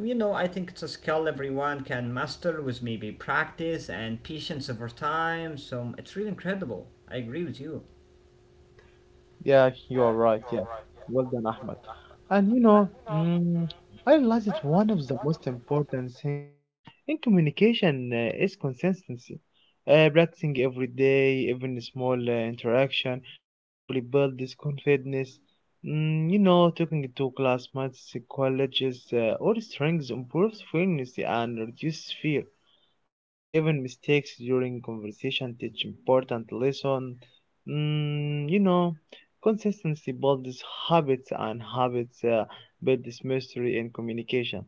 B: You know, I think it's a skill everyone can master with maybe practice and patience over time, so it's really incredible. I agree with you.
A: Yeah, you are right. Yeah, well done, Ahmed. And you know, mm, I realized that one of the most important things in communication uh, is consistency. Uh, practicing every day, even a small uh, interaction, gradually build this confidence. Mm, you know, talking to classmates, colleges, uh, or strengths improves fluency and reduces fear. I think even mistakes during conversation teach important lesson. Mm, you know, consistency builds habits, and habits uh, builds mastery in communication.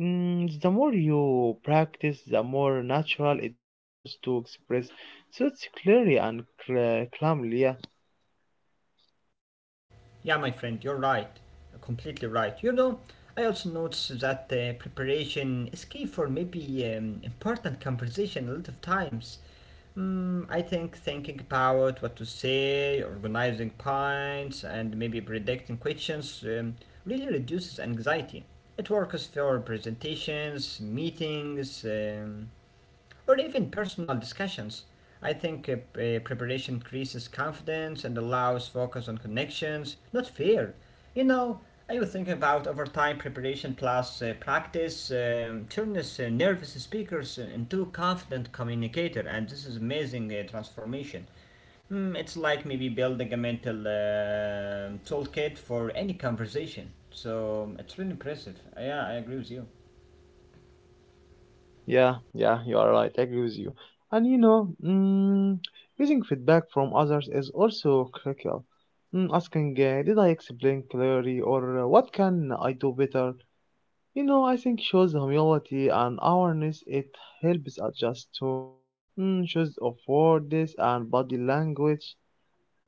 A: Mm, the more you practice, the more natural it becomes to express thoughts clearly and cl- calmly. Yeah.
B: Yeah, my friend, you're right. You're completely right. You know, I also noticed that uh, preparation is key for maybe um, important conversation a lot of times. Mm, I think thinking about what to say, organizing points, and maybe predicting questions um, really reduces anxiety. It works for presentations, meetings, um, or even personal discussions. I think uh, uh, preparation increases confidence and allows focus on connections, not fear. You know, I was thinking about over time preparation plus uh, practice um, turns uh, nervous speakers into confident communicator, and this is amazing uh, transformation. Mm, it's like maybe building a mental uh, toolkit for any conversation. So it's really impressive. Yeah, I agree with you.
A: Yeah, yeah, you are right. I agree with you. And you know, mm, using feedback from others is also critical. Mm, asking, uh, did I explain clearly, or uh, what can I do better? You know, I think shows humility and awareness. It helps adjust tone, mm, shows of words and body language.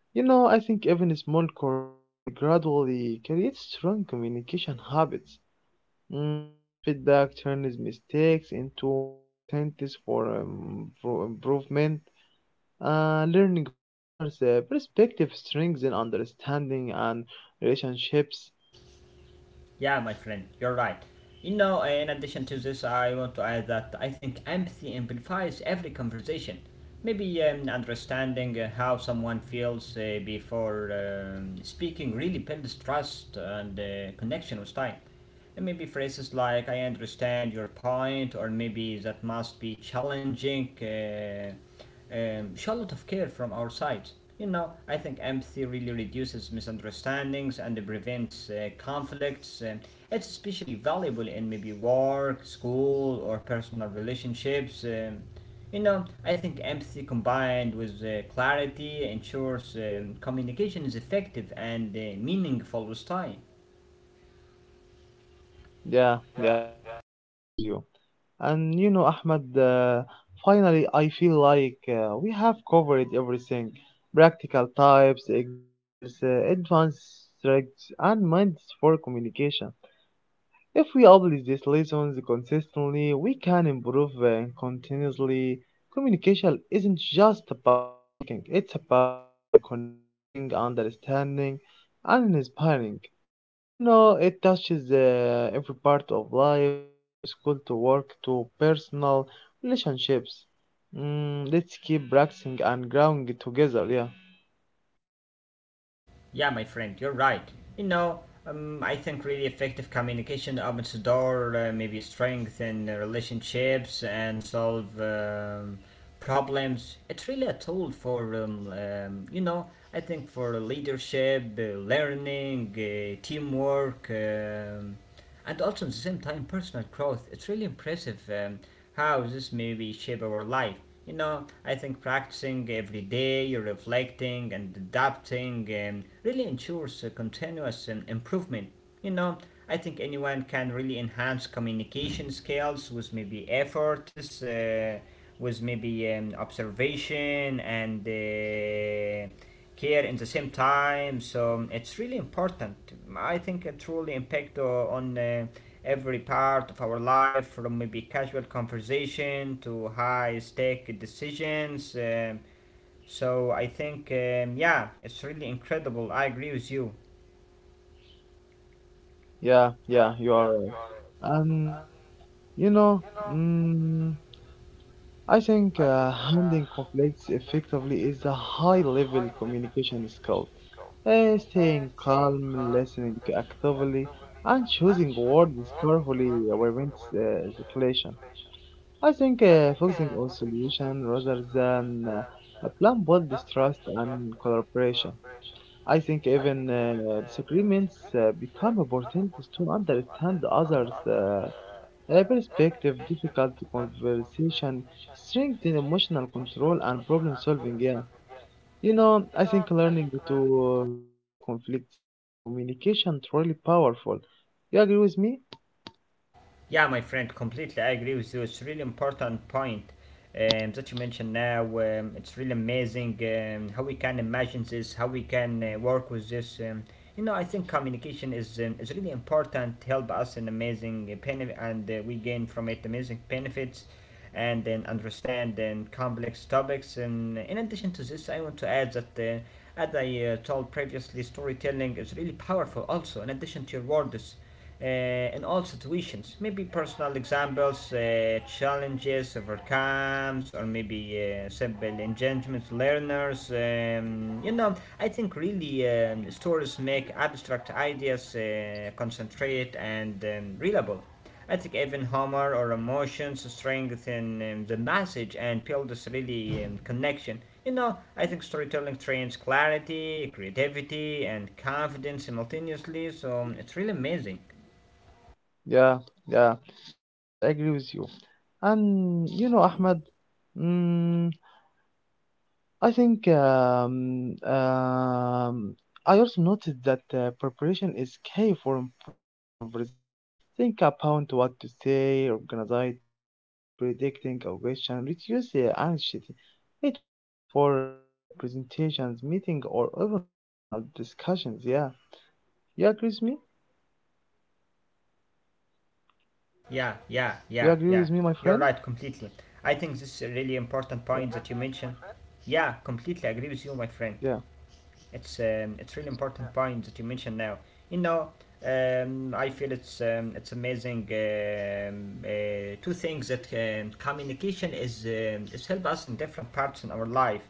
A: You know, I think even small corrections gradually create strong communication habits. Mm, feedback turns mistakes into opportunities for, um, for improvement. Uh, learning from others' uh, perspective strengthens understanding and relationships.
B: Yeah, my friend, you're right. You know, eh, in addition to this, I want to add that I think empathy amplifies every conversation. Maybe um, understanding uh, how someone feels uh, before um, speaking really builds trust and uh, connection with time. And maybe phrases like "I understand your point" or maybe "That must be challenging." Uh, um, show a lot of care from our side. You know, I think empathy really reduces misunderstandings and prevents uh, conflicts. Um, it's especially valuable in maybe work, school, or personal relationships. Um, you know, I think empathy combined with uh, clarity ensures um, communication is effective and uh, meaningful with time.
A: Yeah, yeah, you are right. I agree with you. And you know, Ahmed, uh, finally, I feel like uh, we have covered everything practical types, examples, uh, advanced strengths, and minds for communication. If we apply these lessons consistently, we can improve uh, continuously. Communication isn't just about speaking, it's about uh, connecting, understanding, and inspiring. You know, it touches uh, every part of life, uh, from school to work to personal relationships. Mm, let's keep practicing and growing together. Yeah,
B: Yeah, my friend, you're right. You know, um, I think really effective communication opens the door, uh, maybe strengthen uh, relationships and solve um, problems. It's really a tool for, um, um, you know, I think for leadership, uh, learning, uh, teamwork. Um, and also at the same time, personal growth. It's really impressive um, how this maybe shape our life. You know, I think practicing every day, reflecting and adapting um, really ensures a continuous um, improvement. You know, I think anyone can really enhance communication skills with maybe efforts, uh, with maybe um, observation and uh, care in the same time. So um, it's really important. I think it truly impact uh, on uh, every part of our life, from maybe casual conversation to high stake decisions. Um, so I think um, yeah, it's really incredible. I agree with you.
A: yeah, yeah, you are right. Um, you know, mm, I think uh, handling conflicts effectively is a high level communication skill. Uh, staying calm, listening actively, and choosing words carefully prevents uh, escalation. I think uh, focusing on solution rather than uh, a plan builds trust and collaboration. I think even uh, disagreements uh, become opportunities to understand others' uh, a perspective difficult conversation strengthen emotional control and problem solving. Yeah, you know, I think learning to uh, navigate conflicts make communication truly powerful. You agree with me?
B: Yeah, my friend, completely I agree with you. It's really important point um, that you mentioned now. Um, it's really amazing um, how we can imagine this, how we can uh, work with this. Um, you know, I think communication is um, is really important. To Help us in amazing uh, benefit, and uh, we gain from it amazing benefits, and then understand then complex topics. And in addition to this, I want to add that. Uh, as I uh, told previously, storytelling is really powerful also, in addition to your words uh, in all situations. Maybe personal examples, uh, challenges overcomes, or maybe uh, simple engagements, learners. Um, you know, I think really um, stories make abstract ideas uh, concentrate and um, readable. I think even humor or emotions strengthen um, the message and build this really um, connection. You know, I think storytelling trains clarity, creativity, and confidence simultaneously, so um, it's really amazing.
A: Yeah, yeah, you are right. I agree with you. And you know, Ahmed, mm, I think um, um, I also noticed that uh, preparation is key for importance of conversation. Think about what to say, organize points, and predicting a question reduce uh, anxiety. It works for uh, presentations, meeting, or even personal discussions. Yeah, you agree with me?
B: Yeah, yeah, yeah, yeah. You're
A: You
B: right
A: agree with me, my
B: completely.
A: friend?
B: I think this is a really important point that you mentioned. Yeah, completely agree with you, my friend.
A: Yeah.
B: It's um, it's really important point that you mentioned now. You know, um, I feel it's um, it's amazing. Um, uh, two things that um, communication is um, is help us in different parts in our life,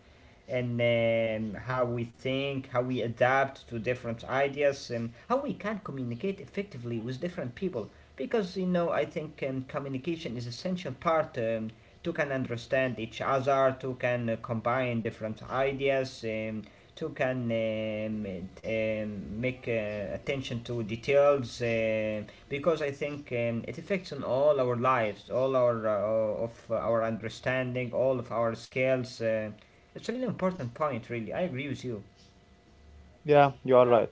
B: and um, how we think, how we adapt to different ideas, and how we can communicate effectively with different people. Because you know, I think um, communication is essential part. Um, two can understand each other, two can uh, combine different ideas, um, two can um, um, make uh, attention to details uh, because I think um, it affects on all our lives, all our uh, of our understanding, all of our skills. Uh, it's a really important point, really. I agree with you.
A: Yeah, you are right.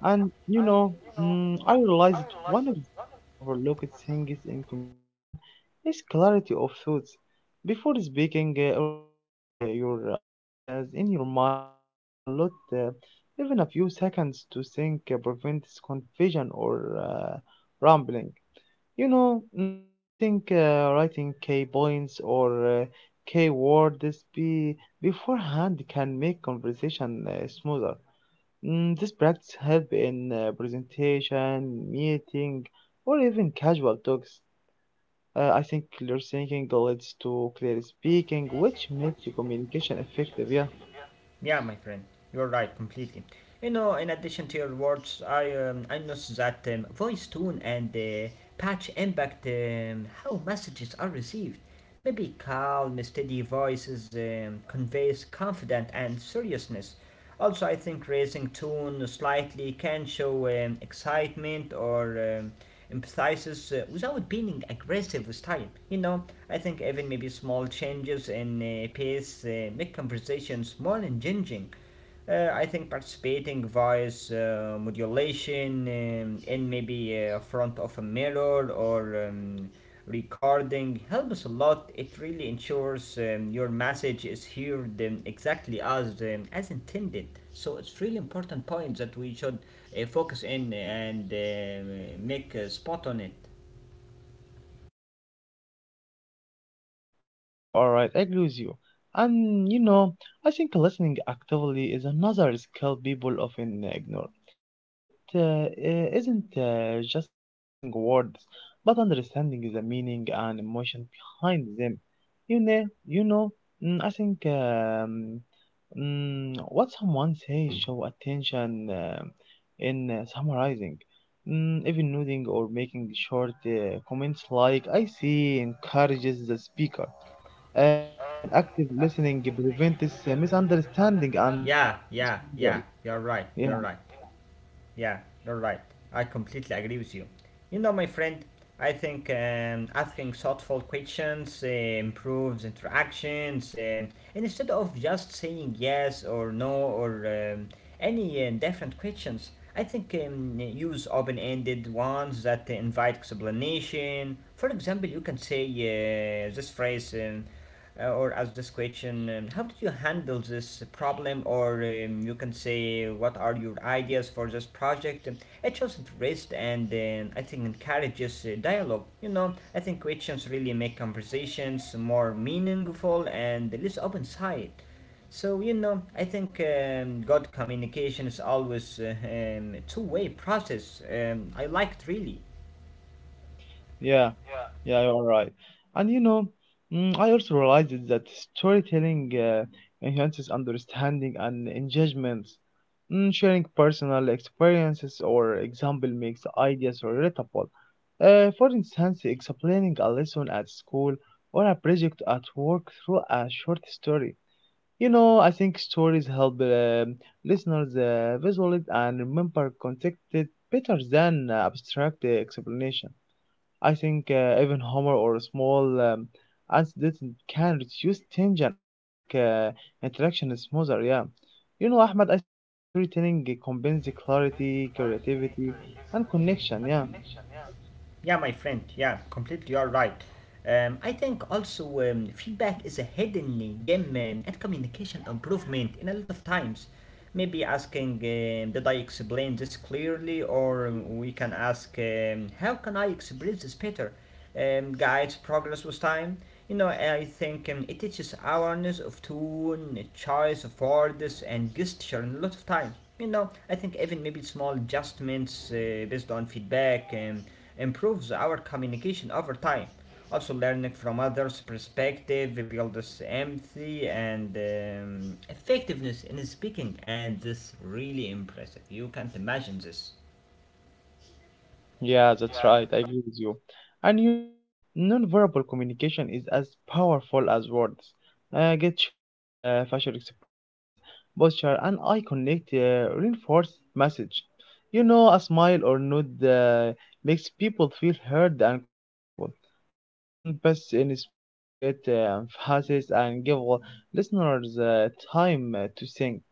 A: And you know, mm, I realized one of the most overlooked things in communication is clarity of thoughts. Before speaking, uh, organizing uh, your uh, ideas in your mind helps a lot. Uh, even a few seconds to think uh, prevents confusion or uh, rambling. You know, mm, I think uh, writing key points or uh, key words be beforehand can make conversation uh, smoother. Mm, this practice help in uh, presentation, meeting, or even casual talks. Uh, I think clear thinking leads to clear speaking, which makes the communication effective. Yeah,
B: Yeah, my friend, you're right completely. You know, in addition to your words, I um, I noticed that um, voice tone and uh, patch impact um, how messages are received. Maybe calm, steady voices um, conveys confidence and seriousness. Also, I think raising tone slightly can show um, excitement or um, empathizes uh, without being aggressive with time. You know, I think even maybe small changes in uh, pace uh, make conversations more engaging. uh, I think participating voice uh, modulation um, in maybe uh, front of a mirror or um, recording helps a lot. It really ensures um, your message is heard um, exactly as um, as intended. So it's really important point that we should uh, focus in and uh, make a spot on it.
A: yeah, you are right. I agree with you. And you know, I think listening actively is another skill people often ignore. It uh, uh, isn't uh, just hearing words, but understanding the meaning and emotion behind them. You know, you know. Mm, I think. Um, Mm, what someone says show attention, um, in uh, summarizing, mm, even nodding or making short uh, comments like I see encourages the speaker. Um, active listening prevents uh, misunderstanding and
B: Yeah,
A: builds
B: yeah, yeah.
A: stronger.
B: You're right. You're right. Yeah, you're right. I completely agree with you. You know, my friend, I think um, asking thoughtful questions uh, improves interactions. Um, and instead of just saying yes or no or um, any uh, different questions, I think um, use open ended ones that invite explanation. For example, you can say uh, this phrase. Um, uh, or ask this question, um, how did you handle this problem, or um, you can say, what are your ideas for this project? It shows interest and um, I think encourages uh, dialogue. You know, I think questions really make conversations more meaningful and less open side. So you know, I think um, good communication is always uh, um, two-way process. um, I liked really.
A: Yeah, yeah, you're right. And you know, mm, I also realized that storytelling uh, enhances understanding and engagement. Mm, sharing personal experiences or example makes ideas relatable. Uh, for instance, explaining a lesson at school or a project at work through a short story. You know, I think stories help um listeners uh, visualize and remember context better than abstract uh, explanation. I think uh, even humor or small um, incident can reduce tension and make uh, interaction smoother. Yeah, you know, Ahmed, I think uh, storytelling combines the clarity, creativity, and connection. Yeah.
B: Yeah, my friend. Yeah, completely. You're right. Um, I think also um, feedback is a hidden gem um, and communication improvement in a lot of times. Maybe asking, um, did I explain this clearly? Or um, we can ask, um, how can I express this better? Um, guides progress with time. You know, I think um, it teaches awareness of tone, choice of words, and gesture in a lot of time. You know, I think even maybe small adjustments uh, based on feedback um, improves our communication over time. Also, learning from others' perspective builds empathy and um, effectiveness in speaking, and this really impressive. You can't imagine this.
A: Yeah, that's right. I agree with you. And you know, nonverbal communication is as powerful as words. Uh, gesture, uh, facial expressions, posture, and eye contact uh, reinforce message. You know, a smile or nod uh, makes people feel heard and comfortable. Mm, but in speech create uh, emphasis and give listeners uh, time uh, to think.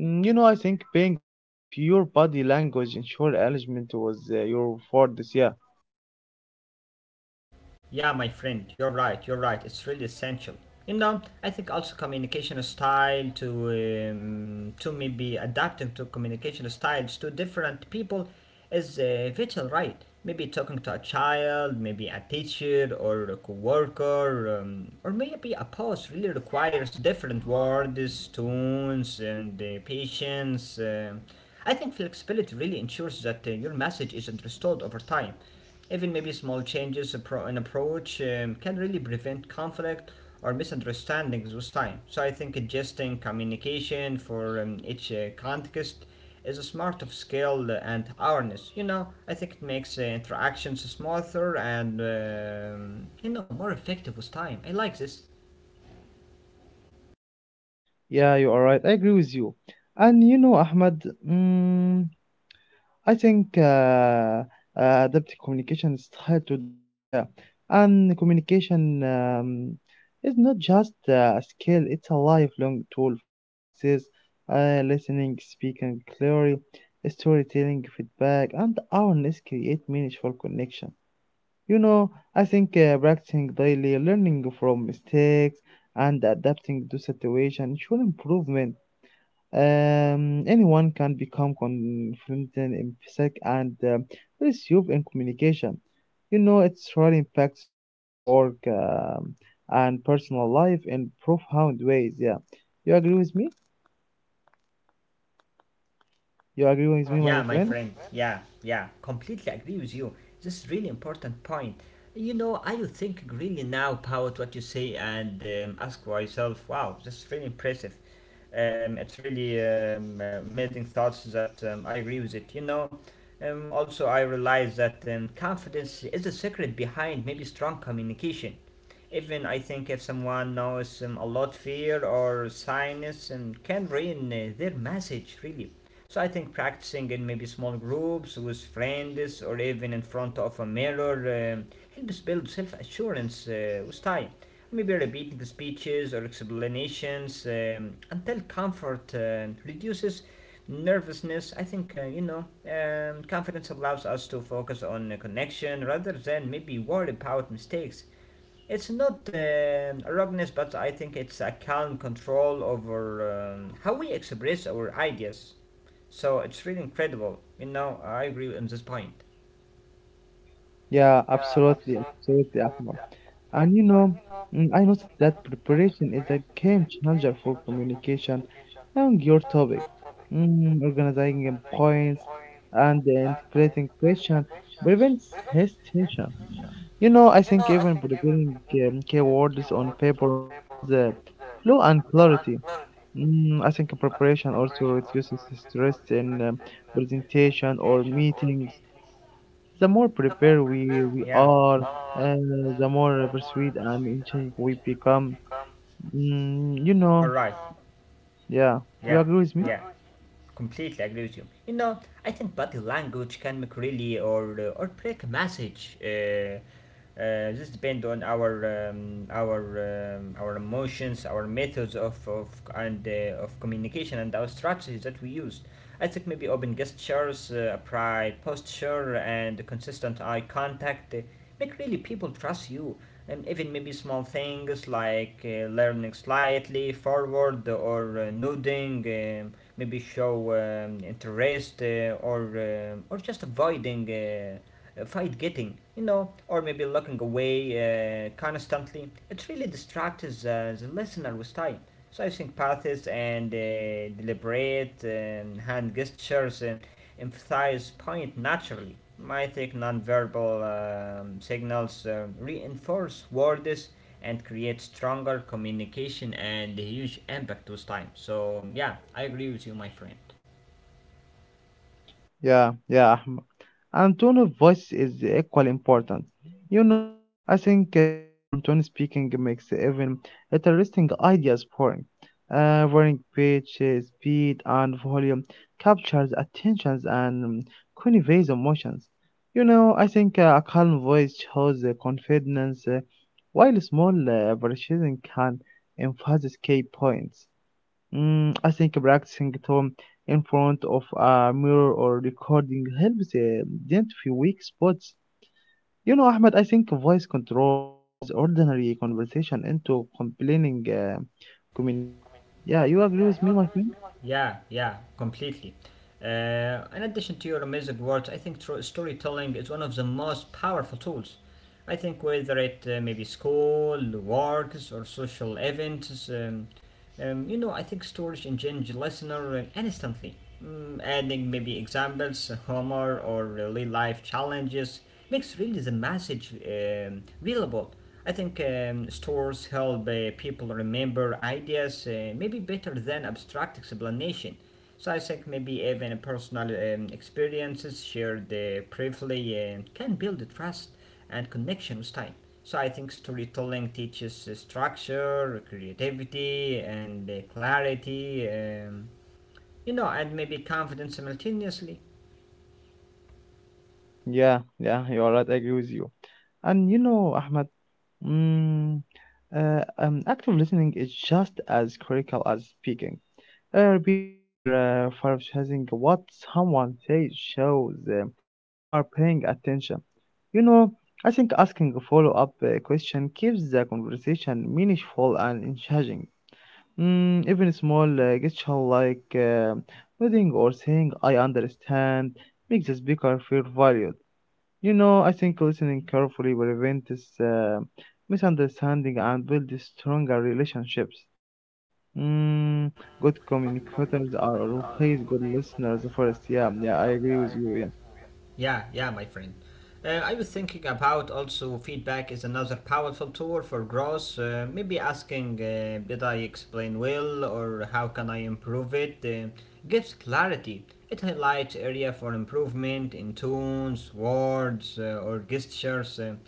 A: Mm, You know, I think being aware of your body language ensure alignment was uh, your word this. Yeah,
B: Yeah, my friend, you're right, you're right. It's really essential. You know, I think also communication style to um, to maybe adapting to communication styles to different people is uh, vital, right? Maybe talking to a child, maybe a teacher or a coworker, um, or maybe a boss really requires different words, tones, and uh, patience. um I think flexibility really ensures that uh, your message is understood over time. Even maybe small changes appro- in approach um, can really prevent conflict or misunderstandings with time. So I think adjusting communication for um, each uh, context is a smart of skill and awareness. You know, I think it makes uh, interactions smoother and um, you know more effective with time. I like this.
A: yeah, you are right. I agree with you. And you know, Ahmed, mm, I think uh, uh, adaptive communication style to different. Yeah, and communication um, is not just uh, a skill; it's a lifelong tool for success. Uh, listening, speaking clearly, storytelling, feedback, and awareness create meaningful connection. You know, I think uh, practicing daily, learning from mistakes, and adapting to situation should improvement. Um, anyone can become confident in psych and um, resume in communication. You know, it's really impacts school work um, and personal life in profound ways. Yeah, you agree with me? You agree with me, my
B: Yeah, my
A: friend?
B: friend. Yeah, yeah. Completely agree with you. This is really important point. You know, I would think really now about what you say and um, ask for yourself, wow, this is really impressive. Um, it's really um, uh, amazing thoughts that um, I agree with it. You know, um, also I realize that um, confidence is the secret behind maybe strong communication. Even I think if someone knows um, a lot fear or sinus and um, can ruin uh, their message really. So I think practicing in maybe small groups with friends or even in front of a mirror um helps build self-assurance uh, with time. Maybe repeating speeches or explanations um, until comfort uh, reduces nervousness. I think uh, you know um, confidence allows us to focus on a connection rather than maybe worry about mistakes. It's not um rugness, but I think it's a calm control over um, how we express our ideas. So it's really incredible. You know, I agree on this point.
A: Yeah, absolutely, absolutely, Ahmed. And you know, mm, I noticed that preparation is a game changer for communication on your topic. Mm, organizing your points and then creating question prevents hesitation. You know, I think even preparing um, keywords on paper improves the flow and clarity. Mm, I think preparation also reduces stress in um, presentation or meetings. The more prepared we, we
B: Yeah,
A: are, and the more persuaded and enchanted we become. Mm, you
B: you're
A: know,
B: right.
A: yeah.
B: Yeah,
A: You agree with me?
B: yeah, completely agree with you. You know, I think body language can make really or uh, or break a message. Uh, Uh, this depend on our um, our um, our emotions, our methods of, of and uh, of communication, and our strategies that we used. I think maybe open gestures, uh, pride posture, and consistent eye contact uh, make really people trust you. And even maybe small things like uh, learning slightly forward or uh, nodding, um, maybe show um, interest uh, or um, or just avoiding. Uh, uh, fight getting, you know, or maybe looking away uh, constantly. It really distracts uh, the listener with time. So I think pathes and uh, deliberate um, hand gestures um, emphasize point naturally. I think non-verbal um, signals uh, reinforce words and create stronger communication and a huge impact with time. So yeah, I agree with you, my friend.
A: Yeah, yeah. And tone of voice is equally important. You know, I think uh, monotone speaking makes even interesting ideas boring. Uh, varying pitch, uh, speed, and volume captures attentions and conveys emotions. You know, I think uh, a calm voice shows uh, confidence, uh, while small uh, variations can emphasize key points. Mm, I think practicing tone in front of a mirror or recording helps uh, identify weak spots. You know, Ahmed, I think voice control turns ordinary conversation into complaining uh, communication. Yeah, you agree with me, my friend?
B: Yeah, yeah, completely. Uh, in addition to your amazing words, I think tro- storytelling is one of the most powerful tools. I think whether it uh, maybe school, works, or social events, um, um, you know, I think stories engage listener um, instantly, mm, adding maybe examples, humor, or real life challenges makes really the message um, relatable. I think um, stores help uh, people remember ideas uh, maybe better than abstract explanation. So I think maybe even personal um, experiences shared uh, briefly uh, can build trust and connection with time. So I think storytelling teaches uh, structure, creativity, and uh, clarity, um, you know, and maybe confidence simultaneously.
A: Yeah, yeah, you are right. I agree with you. And you know, Ahmed, mm, uh, um, active listening is just as critical as speaking. Uh, repeating or uh, paraphrasing what someone says shows uh, you are paying attention. You know, I think asking a follow up uh, question keeps the conversation meaningful and engaging. Mm, even small uh, gesture like uh, nodding or saying I understand makes the speaker feel valued. You know, I think listening carefully prevents uh, misunderstanding and builds stronger relationships. Mm, Good communicators are always good listeners first. Yeah, yeah, I agree with you. Yeah,
B: Yeah, yeah, my friend. Uh, I was thinking about also feedback is another powerful tool for growth. Uh, maybe asking, uh, did I explain well or how can I improve it? Uh, gives clarity. It highlights area for improvement in tones, words, uh, or gestures. Uh,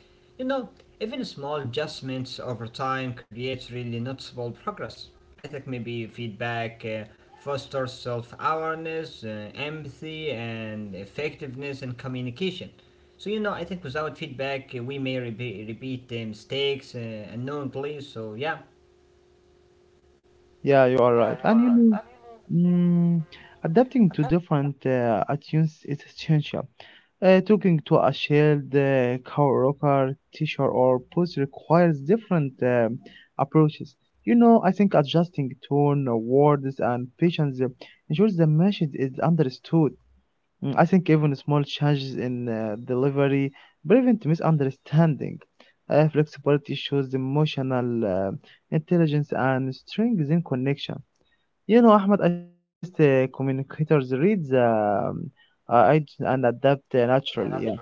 B: You know, even small adjustments over time creates really noticeable progress. I think maybe feedback uh, fosters self-awareness, uh, empathy, and effectiveness in communication. So you know, I think without feedback, uh, we may re- repeat the mistakes uh, unknowingly. So yeah.
A: yeah, you are right. And you know, mm, adapting to different uh, attitudes is essential. Uh, talking to a shared uh, coworker, teacher, or boss requires different um, approaches. You know, I think adjusting tone, words, and patience uh, ensures the message is understood. Mm, I think even small changes in uh, delivery prevent misunderstanding. Uh, flexibility shows emotional uh, intelligence and strengthens connection. You know, Ahmed, I think the best uh, communicators read the um, uh, id- and adapt uh, naturally. Yeah.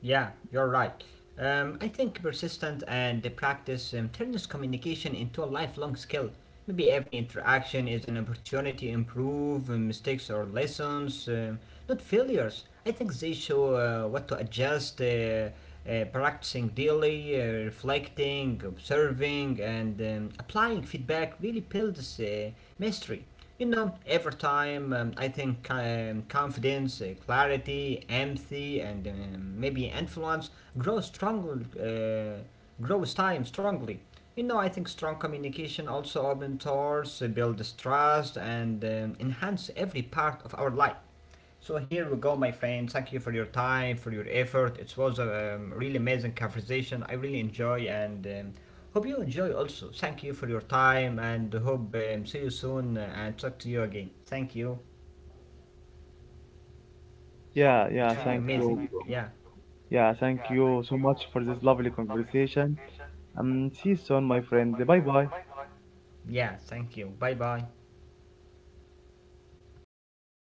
B: Yeah, you're right. Um, I think persistent and the practice um, turns communication into a lifelong skill. Maybe every interaction is an opportunity to improve um, mistakes or lessons, um, not failures. I think they show uh, what to adjust, uh, uh, practicing daily, uh, reflecting, observing, and um, applying feedback really builds uh, mastery. You know, every time um, I think um, confidence, uh, clarity, empathy, and um, maybe influence grow strongly, uh, grows time strongly. You know, I think strong communication also opens doors, uh, builds trust, and um, enhance every part of our life. So here we go, my friend. Thank you for your time, for your effort. It was a um, really amazing conversation. I really enjoy and um, hope you enjoy also. Thank you for your time and hope um, see you soon uh, and talk to you again. Thank you.
A: Yeah,
B: It
A: yeah, thank
B: amazing.
A: you.
B: Yeah.
A: Yeah, thank you so much for this lovely conversation. Um, see you soon, my friend. Bye bye.
B: Yeah. Thank you. Bye bye.